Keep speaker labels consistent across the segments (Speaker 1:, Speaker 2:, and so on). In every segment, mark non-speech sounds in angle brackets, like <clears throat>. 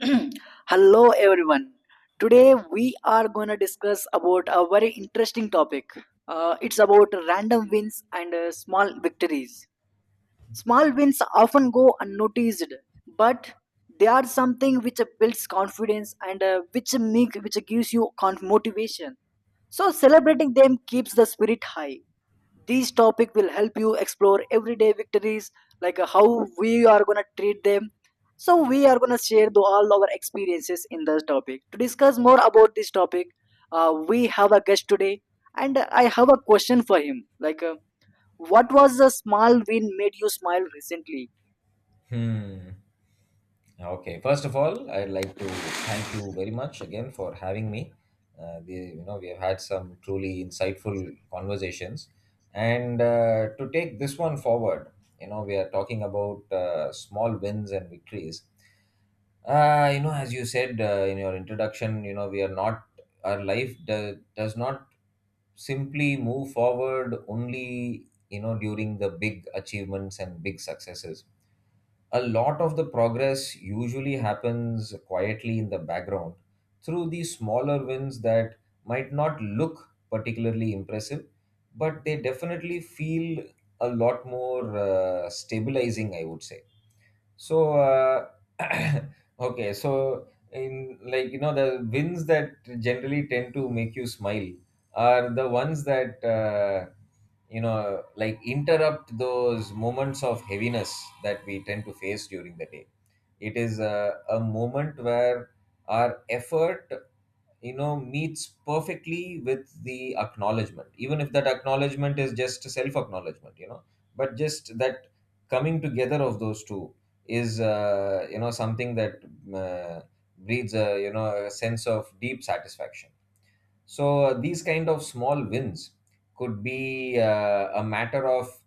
Speaker 1: <clears throat> Hello everyone. Today we are going to discuss about a very interesting topic. It's about random wins and small victories. Small wins often go unnoticed, but they are something which builds confidence and which gives you motivation. So celebrating them keeps the spirit high. These topic will help you explore everyday victories, like how we are gonna treat them. So we are gonna share all our experiences in this topic. To discuss more about this topic, we have a guest today, and I have a question for him. Like, what was the small win made you smile recently?
Speaker 2: Hmm. Okay. First of all, I'd like to thank you very much again for having me. You know, we have had some truly insightful conversations, and to take this one forward, you know, we are talking about small wins and victories. You know, as you said in your introduction, you know, we are not our life does not simply move forward only you know during the big achievements and big successes. A lot of the progress usually happens quietly in the background through these smaller wins that might not look particularly impressive, but they definitely feel a lot more stabilizing, I would say. So, uh, <clears throat> okay, so in like you know, the wins that generally tend to make you smile are the ones that you know, like interrupt those moments of heaviness that we tend to face during the day. It is a moment where our effort you know meets perfectly with the acknowledgement, even if that acknowledgement is just a self acknowledgement, you know, but just that coming together of those two is you know something that uh, breeds a you know a sense of deep satisfaction. So these kind of small wins could be a matter of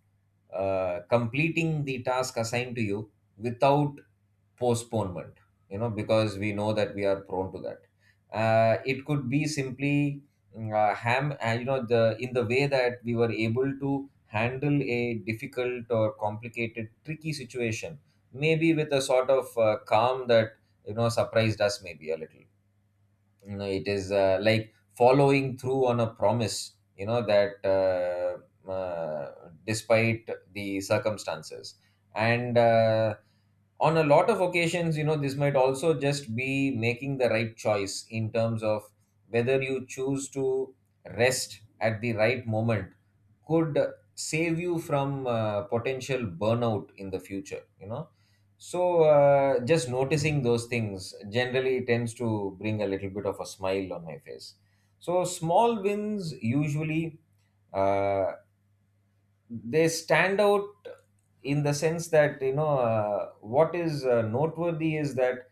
Speaker 2: completing the task assigned to you without postponement, you know, because we know that we are prone to that. It could be simply mm, ham you know the in the way that we were able to handle a difficult or complicated tricky situation, maybe with a sort of calm that you know surprised us maybe a little. You know it is like following through on a promise, you know, that despite the circumstances. And on a lot of occasions, you know, this might also just be making the right choice in terms of whether you choose to rest at the right moment, could save you from potential burnout in the future, you know. So, just noticing those things generally tends to bring a little bit of a smile on my face. So, small wins usually uh, they stand out in the sense that you know what is noteworthy is that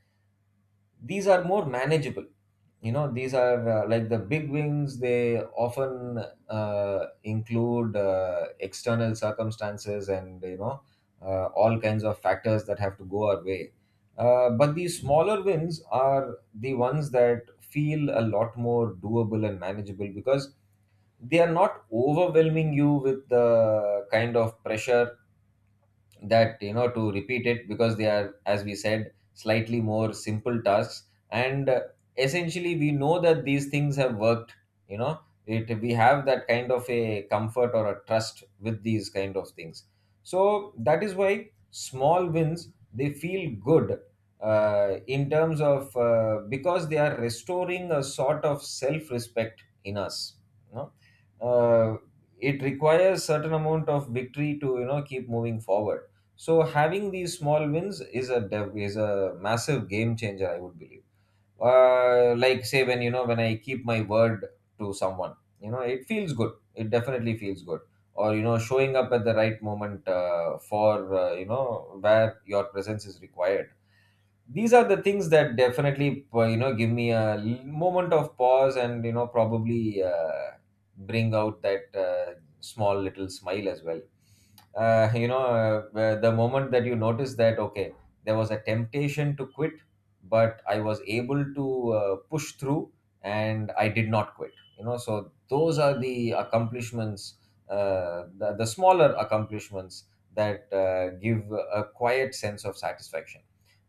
Speaker 2: these are more manageable, you know. These are like the big wings, they often include external circumstances, and you know all kinds of factors that have to go our way. But these smaller wins are the ones that feel a lot more doable and manageable, because they are not overwhelming you with the kind of pressure that, you know, to repeat it, because they are, as we said, slightly more simple tasks. And essentially we know that these things have worked, you know. It we have that kind of a comfort or a trust with these kind of things. So that is why small wins they feel good, in terms of because they are restoring a sort of self respect in us, you know. uh, it requires certain amount of victory to you know keep moving forward. So having these small wins is is a massive game changer, I would believe. Like say when you know when I keep my word to someone, you know it feels good. It definitely feels good. Or you know showing up at the right moment for you know where your presence is required, these are the things that definitely you know give me moment of pause, and you know probably bring out that small little smile as well. The moment that you notice that, okay, there was a temptation to quit, but I was able to push through, and I did not quit, you know. So those are the accomplishments, the smaller accomplishments that give a quiet sense of satisfaction.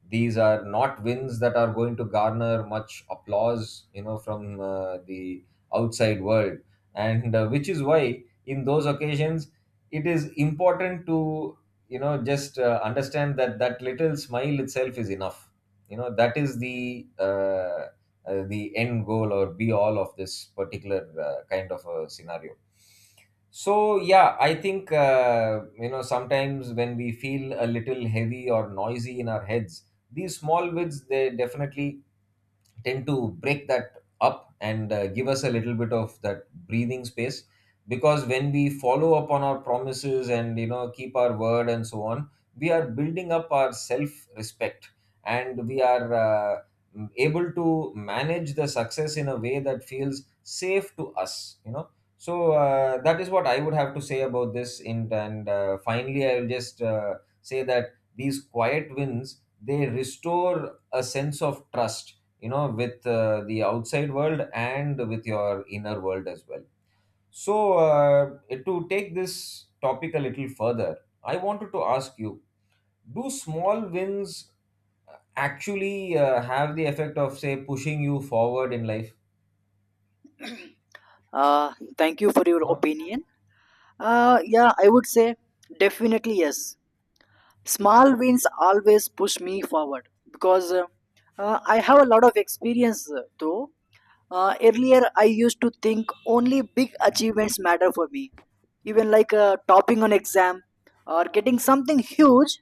Speaker 2: These are not wins that are going to garner much applause, you know, from the outside world. And which is why in those occasions it is important to you know just understand that that little smile itself is enough, you know. That is the end goal or be all of this particular kind of a scenario. So yeah, I think you know sometimes when we feel a little heavy or noisy in our heads, these small wins they definitely tend to break that up and give us a little bit of that breathing space. Because when we follow up on our promises and you know keep our word and so on, we are building up our self respect. And we are able to manage the success in a way that feels safe to us, you know. So that is what I would have to say about this. And finally I'll just say that these quiet wins they restore a sense of trust, you know, with the outside world and with your inner world as well. So to take this topic a little further, I wanted to ask you, do small wins actually have the effect of say pushing you forward in life?
Speaker 1: Thank you for your
Speaker 2: You
Speaker 1: opinion. Yeah, I would say definitely yes. Small wins always push me forward because I have a lot of experience though earlier I used to think only big achievements matter for me, even like topping an exam or getting something huge.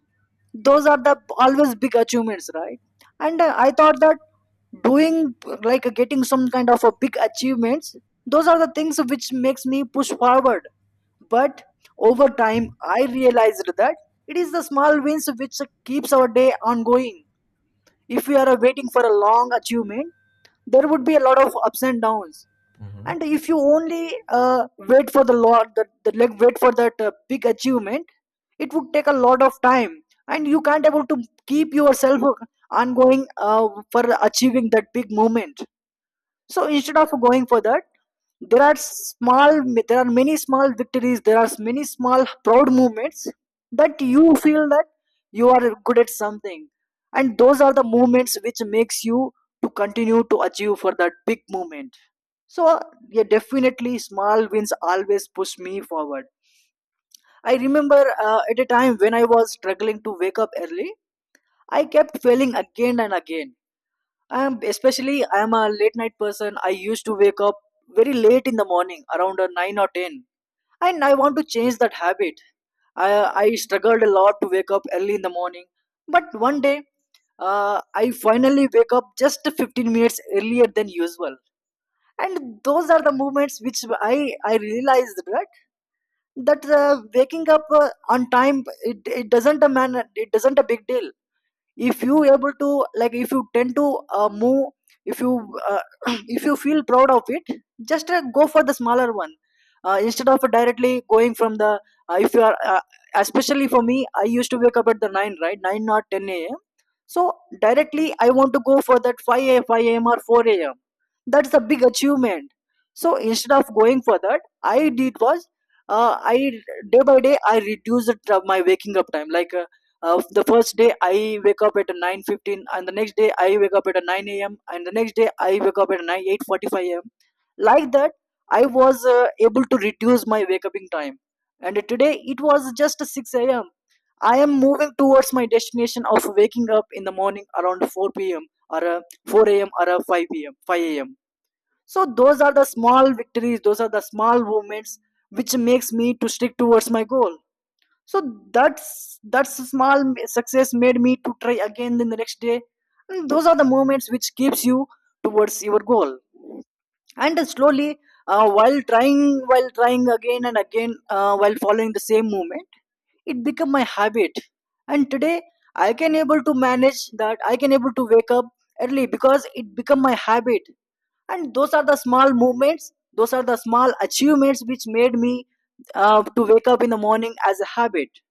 Speaker 1: Those are the always big achievements, right? And I thought that doing like getting some kind of a big achievements, those are the things which makes me push forward. But over time I realized that it is the small wins which keeps our day ongoing. If we are waiting for a long achievement, there would be a lot of ups and downs.
Speaker 2: Mhm.
Speaker 1: And if you only wait for the, like wait for that big achievement, it would take a lot of time and you can't able to keep yourself ongoing for achieving that big moment. So instead of going for that, there are small, there are many small victories. There are many small proud moments that you feel that you are good at something, and those are the moments which makes you to continue to achieve for that big moment. So yeah, definitely small wins always push me forward. I remember at a time when I was struggling to wake up early, I kept failing again and again. I'm especially I'm a late night person. I used to wake up very late in the morning, around nine or ten, and I want to change that habit. I I struggled a lot to wake up early in the morning, but one day I finally wake up just 15 minutes earlier than usual. And those are the moments which I realized that that waking up on time it, it doesn't a man it doesn't a big deal. If you able to like if you tend to move, if you uh, <clears throat> if you feel proud of it, just go for the smaller one, instead of directly going from the if you are especially for me I used to wake up at the 9, right? 9 or 10 a.m. So directly I want to go for that 5 a.m. 5 a.m. or 4 a.m. That's a big achievement. So instead of going for that, I did was I day by day I reduced my waking up time, like the first day I wake up at 9:15, and the next day I wake up at 9 a.m., and the next day I wake up at 9 8:45 a.m. Like that, I was able to reduce my wake uping time, and today it was just 6 a.m. I am moving towards my destination of waking up in the morning around 4 p.m. or 4 a.m. or 5 p.m. 5 a.m. So those are the small victories. Those are the small moments which makes me to stick towards my goal. So that's small success made me to try again the next day, and those are the moments which keeps you towards your goal. And slowly, while trying again and again, while following the same movement, it become my habit. And today I can able to manage that, I can able to wake up early because it become my habit. And those are the small movements, those are the small achievements which made me to wake up in the morning as a habit.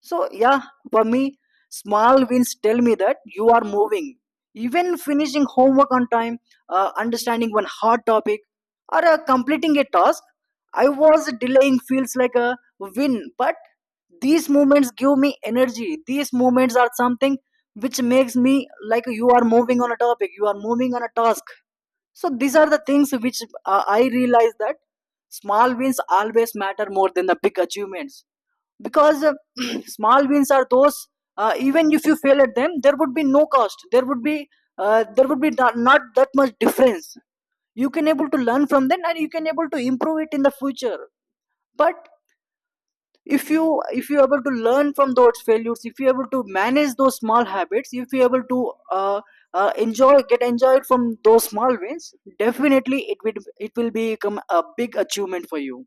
Speaker 1: So yeah, for me, small wins tell me that you are moving. Even finishing homework on time, understanding one hard topic, or completing a task, I was delaying feels like a win. But these moments give me energy. These moments are something which makes me like you are moving on a topic, you are moving on a task. So these are the things which I realize that small wins always matter more than the big achievements, because <clears throat> small wins are those even if you fail at them, there would be no cost, there would be not, not that much difference. You can able to learn from them, and you can able to improve it in the future. But if you able to learn from those failures, if you able to manage those small habits, if you able to enjoy get enjoyed from those small wins, definitely it will become a big achievement for you.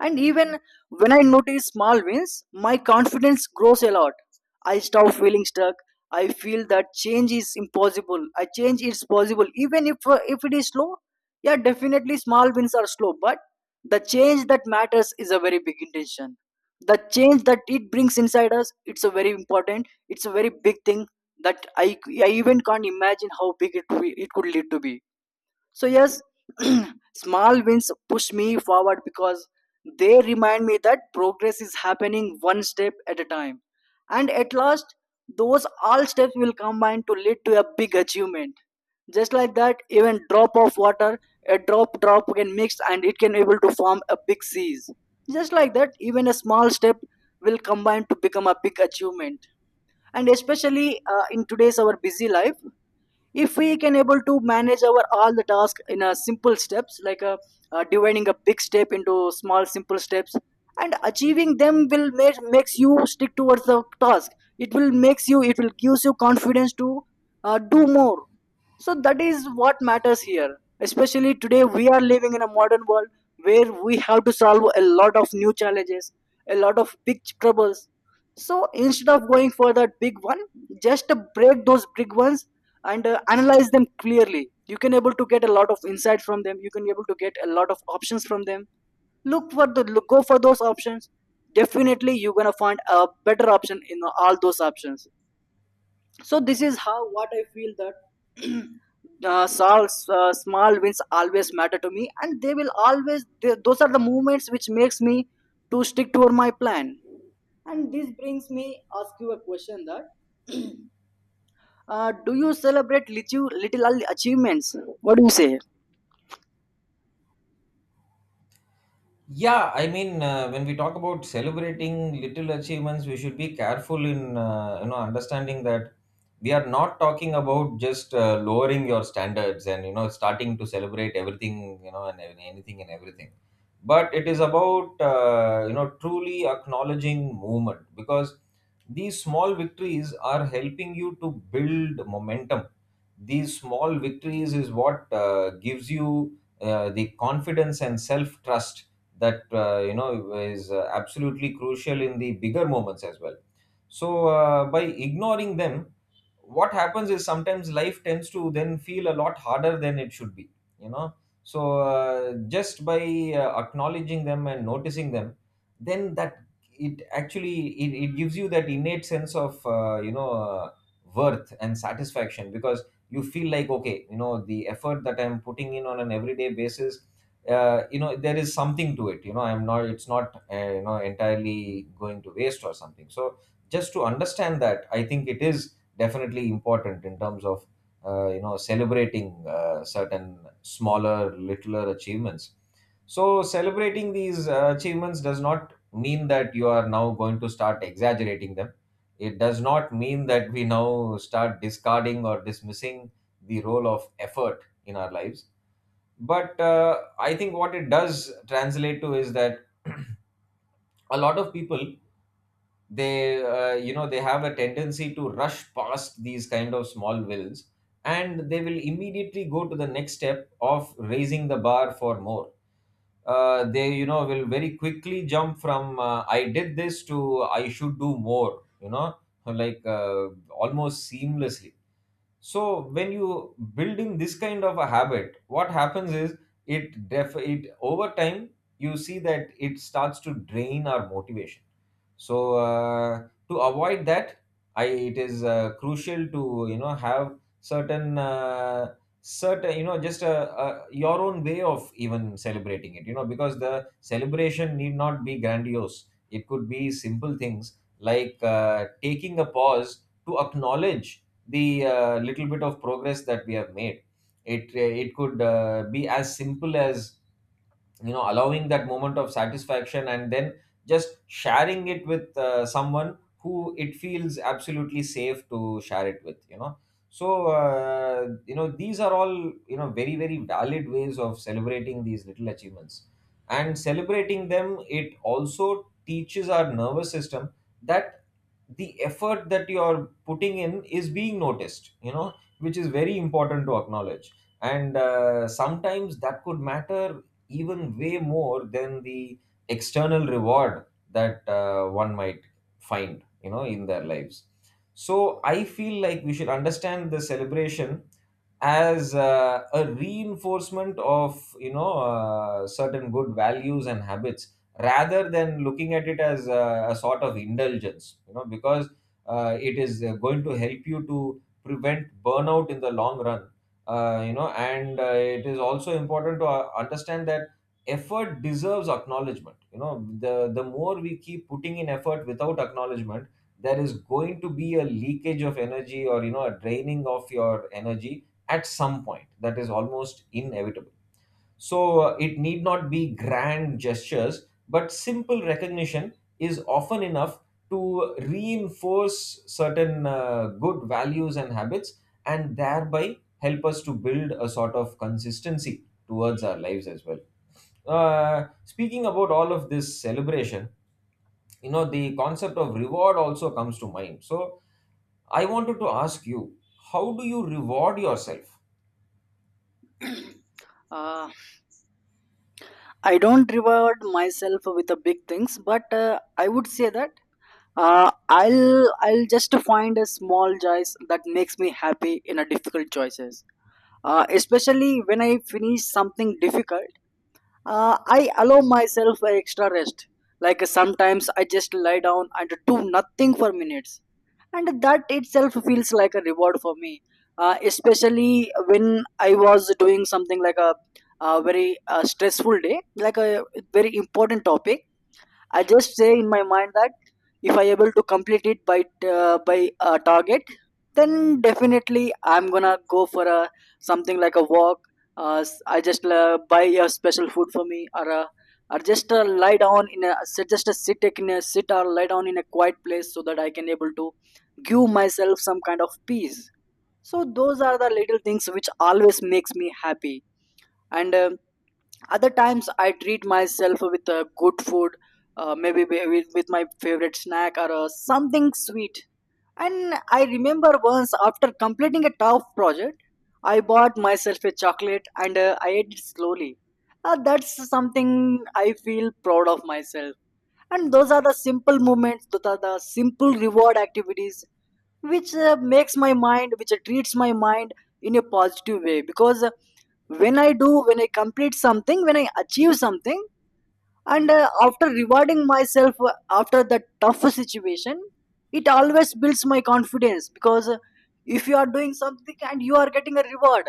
Speaker 1: And even when I notice small wins, my confidence grows a lot. I stop feeling stuck. I feel that change is impossible. I change is possible, even if it is slow. Yeah, definitely small wins are slow, but the change that matters is a very big intention. The change that it brings inside us, it's a very important. It's a very big thing that I even can't imagine how big it could lead to be. So yes, <clears throat> small wins push me forward because they remind me that progress is happening one step at a time. And at last, those all steps will combine to lead to a big achievement. Just like that, even drop of water, a drop can mix and it can able to form a big seas. Just like that, even a small step will combine to become a big achievement. And especially in today's our busy life, if we can able to manage our all the task in a simple steps, like a, dividing a big step into small simple steps and achieving them will makes you stick towards the task. It will makes you, it will gives you confidence to do more. So that is what matters here. Especially today, we are living in a modern world where we have to solve a lot of new challenges, a lot of big troubles. So instead of going for that big one, just break those big ones and analyze them clearly. You can able to get a lot of insight from them. You can able to get a lot of options from them. Look, go for those options. Definitely, you're gonna find a better option in all those options. So this is how what I feel that <clears throat> uh, small, small wins always matter to me, and they will always those are the moments which makes me to stick to my plan. And this brings me ask you a question that, do you celebrate little, little achievements, what do you say?
Speaker 2: Yeah, I mean, when we talk about celebrating little achievements, we should be careful in you know understanding that we are not talking about just lowering your standards and you know starting to celebrate everything, you know, and anything and everything, but it is about you know truly acknowledging movement, because these small victories are helping you to build momentum. These small victories is what gives you the confidence and self trust that you know is absolutely crucial in the bigger moments as well. So by ignoring them, what happens is sometimes life tends to then feel a lot harder than it should be, you know. So just by acknowledging them and noticing them, then that it actually it gives you that innate sense of worth and satisfaction, because you feel like, okay, you know the effort that I'm putting in on an everyday basis, you know there is something to it, you know, I'm not it's not you know entirely going to waste or something. So just to understand that, I think it is definitely important in terms of you know celebrating certain smaller littler achievements. So celebrating these achievements does not mean that you are now going to start exaggerating them. It does not mean that we now start discarding or dismissing the role of effort in our lives. But I think what it does translate to is that, <clears throat> a lot of people, they you know they have a tendency to rush past these kind of small wills, and they will immediately go to the next step of raising the bar for more. They you know will very quickly jump from I did this to I should do more, you know, like almost seamlessly. So when you build in this kind of a habit, what happens is it over time you see that it starts to drain our motivation. So to avoid that, I it is crucial to you know have certain you know just a your own way of even celebrating it, you know. Because the celebration need not be grandiose, it could be simple things like taking a pause to acknowledge the little bit of progress that we have made. It it could be as simple as you know allowing that moment of satisfaction, and then just sharing it with someone who it feels absolutely safe to share it with, you know. So you know these are all you know very very valid ways of celebrating these little achievements. And celebrating them it also teaches our nervous system that the effort that you are putting in is being noticed, you know, which is very important to acknowledge. And sometimes that could matter even way more than the external reward that one might find you know in their lives. So I feel like we should understand the celebration as a reinforcement of you know certain good values and habits, rather than looking at it as a sort of indulgence, you know. Because it is going to help you to prevent burnout in the long run. You know, and it is also important to understand that effort deserves acknowledgement, you know. The more we keep putting in effort without acknowledgement, there is going to be a leakage of energy or you know a draining of your energy at some point that is almost inevitable. So it need not be grand gestures, but simple recognition is often enough to reinforce certain good values and habits, and thereby help us to build a sort of consistency towards our lives as well. Speaking about all of this celebration, you know, the concept of reward also comes to mind. So I wanted to ask you, how do you reward yourself?
Speaker 1: Uh, i don't reward myself with the big things, but I would say that I'll just find a small choice that makes me happy in a difficult choices. Especially when I finish something difficult, I allow myself an extra rest. Like sometimes I just lie down and do nothing for minutes, and that itself feels like a reward for me. Especially when I was doing something like a very stressful day, like a very important topic, I just say in my mind that if I able to complete it by a target, then definitely I'm gonna go for a something like a walk. I just buy a special food for me, or a, or just lie down in a sit or lie down in a quiet place so that I can able to give myself some kind of peace. So those are the little things which always makes me happy and other times I treat myself with good food, maybe with my favorite snack or something sweet. And I remember once after completing a tough project I bought myself a chocolate, and I ate it slowly. That's something I feel proud of myself. And those are the simple movements, those are the simple reward activities which makes my mind, which treats my mind in a positive way. Because when I do, when I complete something, when I achieve something and after rewarding myself, after that tough situation, it always builds my confidence. Because if you are doing something and you are getting a reward,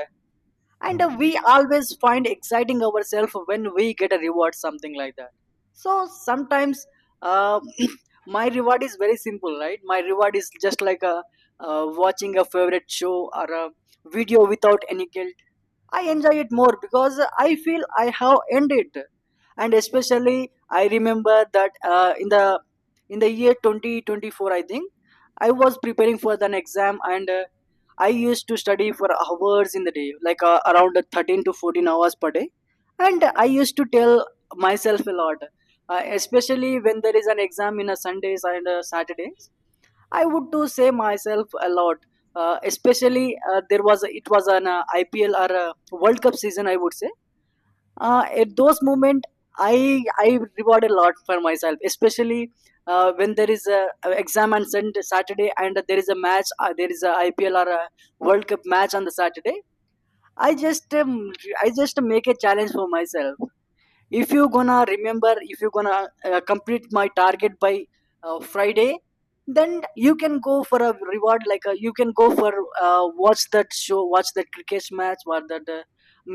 Speaker 1: and
Speaker 2: Mm.
Speaker 1: we always find exciting ourselves when we get a reward, something like that. So sometimes uh, <clears throat> my reward is very simple, right? My reward is just like a watching a favorite show or a video without any guilt. I enjoy it more because I feel I have earned it. And especially I remember that in the year 2024, I think I was preparing for an exam, and I used to study for hours in the day, like around 13 to 14 hours per day. And I used to tell myself a lot. Especially when there is an exam in a Sundays and Saturdays, I would do say myself a lot. Especially there was, it was an IPL or a World Cup season. I would say at those moment I reward a lot for myself. Especially when there is a exam on Sunday, Saturday and there is a match. There is a IPL or a World Cup match on the Saturday. I just um, I just make a challenge for myself. If you gonna remember, if you gonna complete my target by friday, then you can go for a reward, like a you can go for watch that show, watch that cricket match or that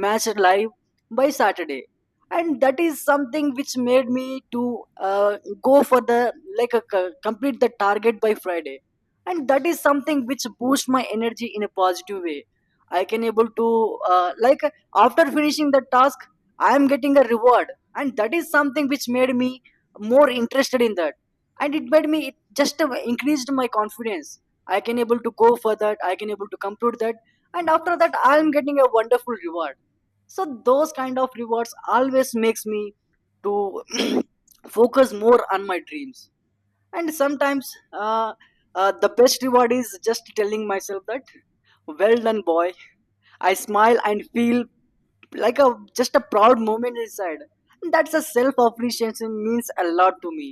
Speaker 1: match live by saturday. And that is something which made me to go for the, like complete the target by friday. And that is something which boosts my energy in a positive way. I can able to like after finishing the task, I am getting a reward. And that is something which made me more interested in that. And it made me, it just increased my confidence. I can able to go for that, I can able to complete that, and after that I am getting a wonderful reward. So those kind of rewards always makes me to <clears throat> focus more on my dreams. And sometimes uh, the best reward is just telling myself that, well done boy. I smile and feel like a just a proud moment inside. And that's a self appreciation means a lot to me.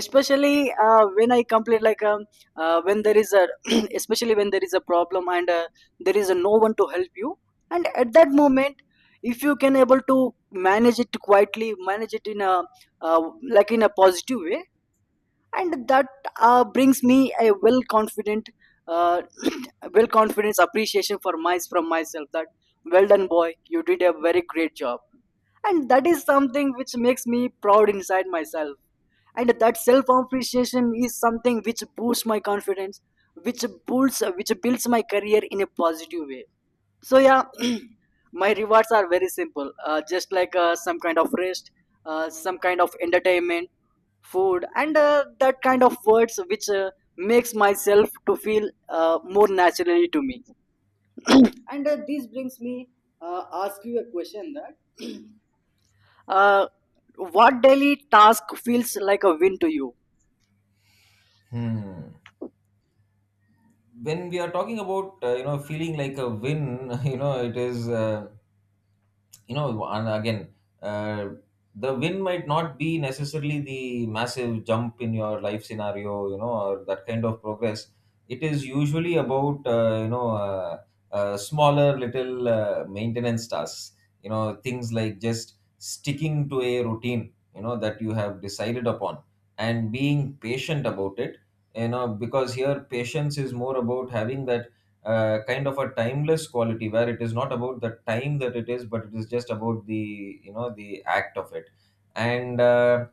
Speaker 1: Especially when I complete, like when there is a <clears throat> especially when there is a problem, and there is a no one to help you. And at that moment, if you can able to manage it quietly, manage it in a uh, like in a positive way, and that brings me a well confident, uh, <clears throat> well confidence appreciation for my from myself that, well done boy, you did a very great job. And that is something which makes me proud inside myself. And that self appreciation is something which boosts my confidence, which builds, which builds my career in a positive way. So yeah, <clears throat> my rewards are very simple. Just like some kind of rest, some kind of entertainment, food, and that kind of words which makes myself to feel more naturally to me. And this brings me ask you a question that, uh, what daily task feels like a win to you?
Speaker 2: Hmm. When we are talking about you know, feeling like a win, <laughs> you know, it is you know, and again, uh, the win might not be necessarily the massive jump in your life scenario, you know, or that kind of progress. It is usually about smaller little maintenance tasks, you know, things like just sticking to a routine, you know, that you have decided upon and being patient about it, you know, because here patience is more about having that kind of a timeless quality where it is not about the time that it is, but it is just about, the you know, the act of it. and uh,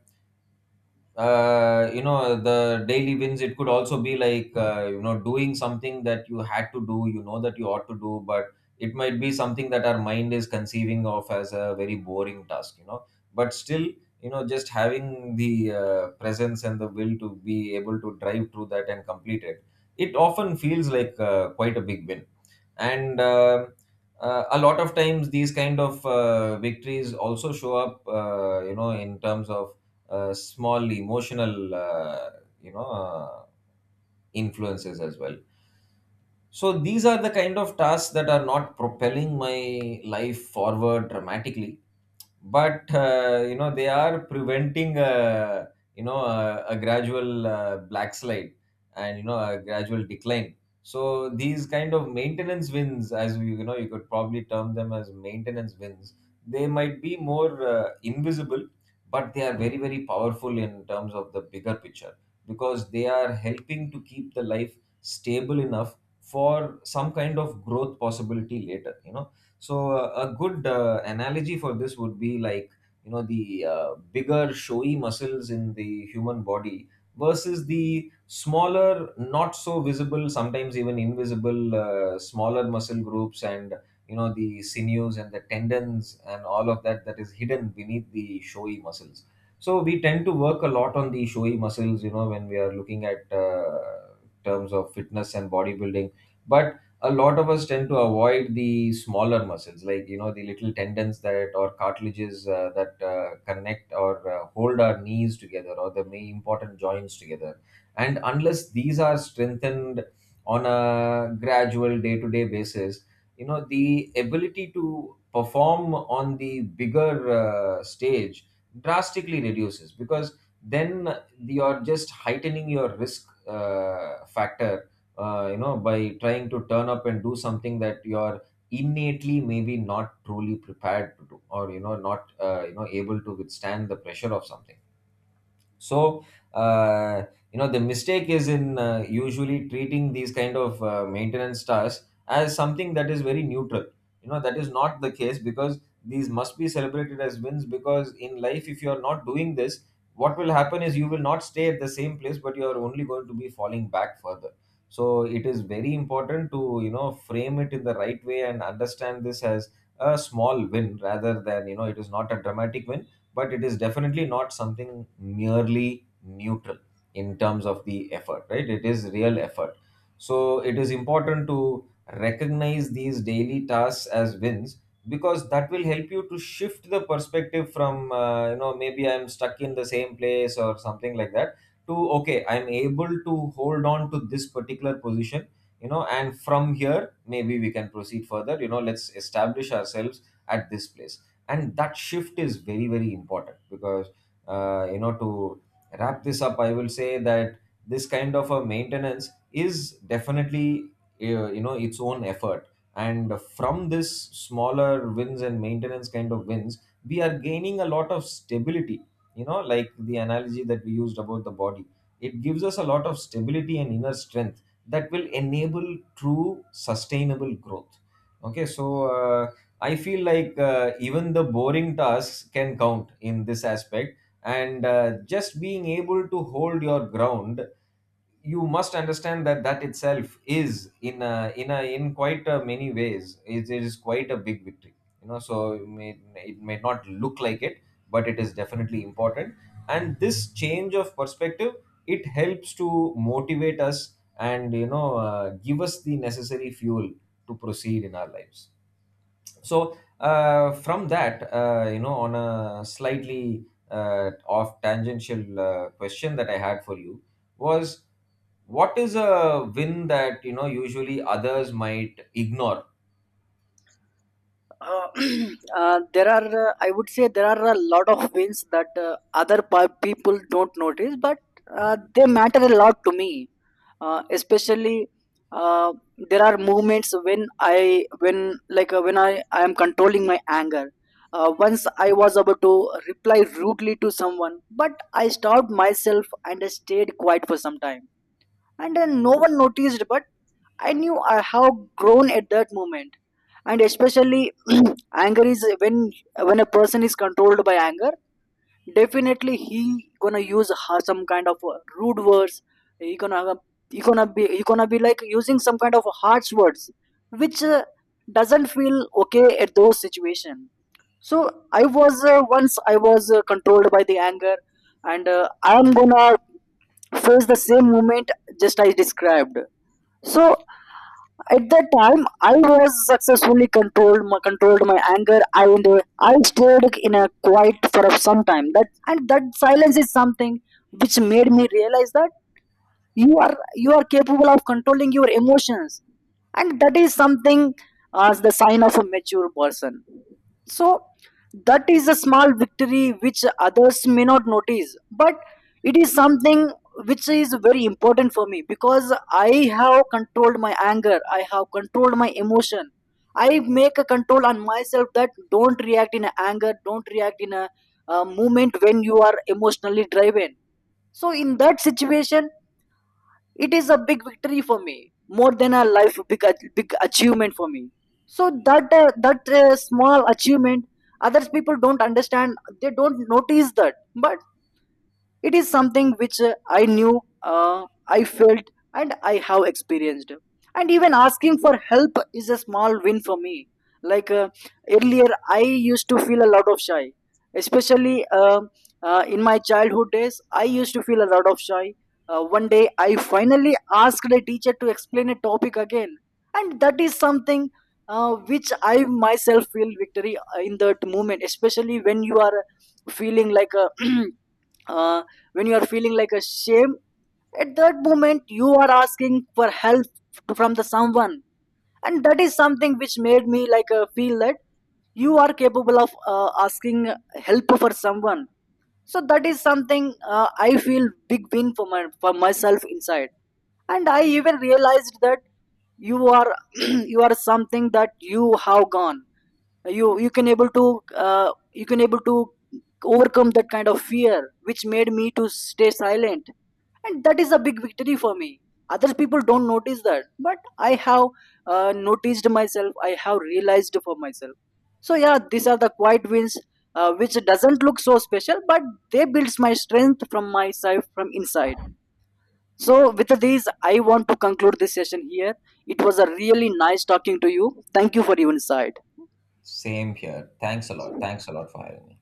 Speaker 2: uh, you know, the daily wins, it could also be like, you know, doing something that you had to do, you know, that you ought to do, but it might be something that our mind is conceiving of as a very boring task, you know, but still, you know, just having the presence and the will to be able to drive through that and complete it, it often feels like quite a big win. And a lot of times these kind of victories also show up, you know, in terms of small emotional, you know uh, influences as well. So these are the kind of tasks that are not propelling my life forward dramatically, but you know, they are preventing, a gradual black slide and, you know, a gradual decline. So these kind of maintenance wins, as we, you know, you could probably term them as maintenance wins, they might be more invisible, but they are very very powerful in terms of the bigger picture, because they are helping to keep the life stable enough for some kind of growth possibility later, you know. So a good analogy for this would be like, you know, the bigger showy muscles in the human body versus the smaller, not so visible, sometimes even invisible, smaller muscle groups, and you know, the sinews and the tendons and all of that that is hidden beneath the showy muscles. So we tend to work a lot on the showy muscles, you know, when we are looking at, terms of fitness and bodybuilding, but a lot of us tend to avoid the smaller muscles, like you know, the little tendons that, or cartilages that connect or hold our knees together, or the main important joints together. And unless these are strengthened on a gradual day to day basis, you know, the ability to perform on the bigger stage drastically reduces, because then you're just heightening your risk factor, you know, by trying to turn up and do something that you're innately maybe not truly prepared to do, or you know, not you know, able to withstand the pressure of something. So uh, you know, the mistake is in usually treating these kind of maintenance tasks as something that is very neutral. You know, that is not the case, because these must be celebrated as wins, because in life, if you are not doing this, what will happen is you will not stay at the same place, but you are only going to be falling back further. So it is very important to, you know, frame it in the right way and understand this as a small win, rather than, you know, it is not a dramatic win, but it is definitely not something merely neutral in terms of the effort, right? It is real effort. So it is important to recognize these daily tasks as wins, because that will help you to shift the perspective from, you know, maybe I'm stuck in the same place or something like that, to okay, I'm able to hold on to this particular position, you know, and from here maybe we can proceed further, you know, let's establish ourselves at this place. And that shift is very very important because, you know, to wrap this up, I will say that this kind of a maintenance is definitely you know, its own effort, and from this smaller wins and maintenance kind of wins, we are gaining a lot of stability, you know, like the analogy that we used about the body. It gives us a lot of stability and inner strength that will enable true sustainable growth. Okay, so uh, I feel like even the boring tasks can count in this aspect. And just being able to hold your ground, you must understand that that itself is in quite a many ways, it is quite a big victory. You know, so it it may not look like it, but it is definitely important. And this change of perspective, it helps to motivate us and you know, give us the necessary fuel to proceed in our lives. So from that, you know, on a slightly off tangential question that I had for you, was, what is a win that you know, usually others might ignore?
Speaker 1: uh, <clears throat> there are I would say there are a lot of wins that other people don't notice, but they matter a lot to me. Uh, especially uh, there are moments when I when, like when I am controlling my anger. Once I was about to reply rudely to someone, but I stopped myself and I stayed quiet for some time, and then no one noticed, but I knew I have grown at that moment. And especially <clears throat> anger is when a person is controlled by anger. Definitely, he gonna use some kind of rude words. He gonna, he gonna be like using some kind of harsh words which doesn't feel okay at those situation. So I was once I was controlled by the anger, and I'm gonna face the same moment just I described. So at that time I was successfully controlled my anger, and I stayed in a quiet for some time. That, and that silence is something which made me realize that you are, you are capable of controlling your emotions. And that is something as the sign of a mature person. So that is a small victory which others may not notice, but it is something which is very important for me. Because I have controlled my anger, I have controlled my emotion, I make a control on myself that don't react in anger, don't react in a moment when you are emotionally driven. So in that situation it is a big victory for me, more than a life big big achievement for me. So that small achievement others people don't understand, they don't notice that, but it is something which I knew, I felt, and I have experienced. And even asking for help is a small win for me. Like earlier, I used to feel a lot of shy, especially in my childhood days. I used to feel a lot of shy. One day, I finally asked a teacher to explain a topic again. And that is something which I myself feel victory in that moment. Especially when you are feeling like a <clears throat> when you are feeling like a shame, at that moment you are asking for help from the someone. And that is something which made me like feel that you are capable of asking help for someone. So that is something I feel big win for my for myself inside. And I even realized that you are <clears throat> you are something that you have gone, you can able to uh, you can able to overcome that kind of fear which made me to stay silent. And that is a big victory for me. Other people don't notice that, but I have noticed myself, I have realized for myself. So yeah, these are the quiet wins which doesn't look so special, but they builds my strength from my side from inside. So with these I want to conclude this session here. It was a really nice talking to you. Thank you for your insight.
Speaker 2: Same here, thanks a lot, thanks a lot for having me.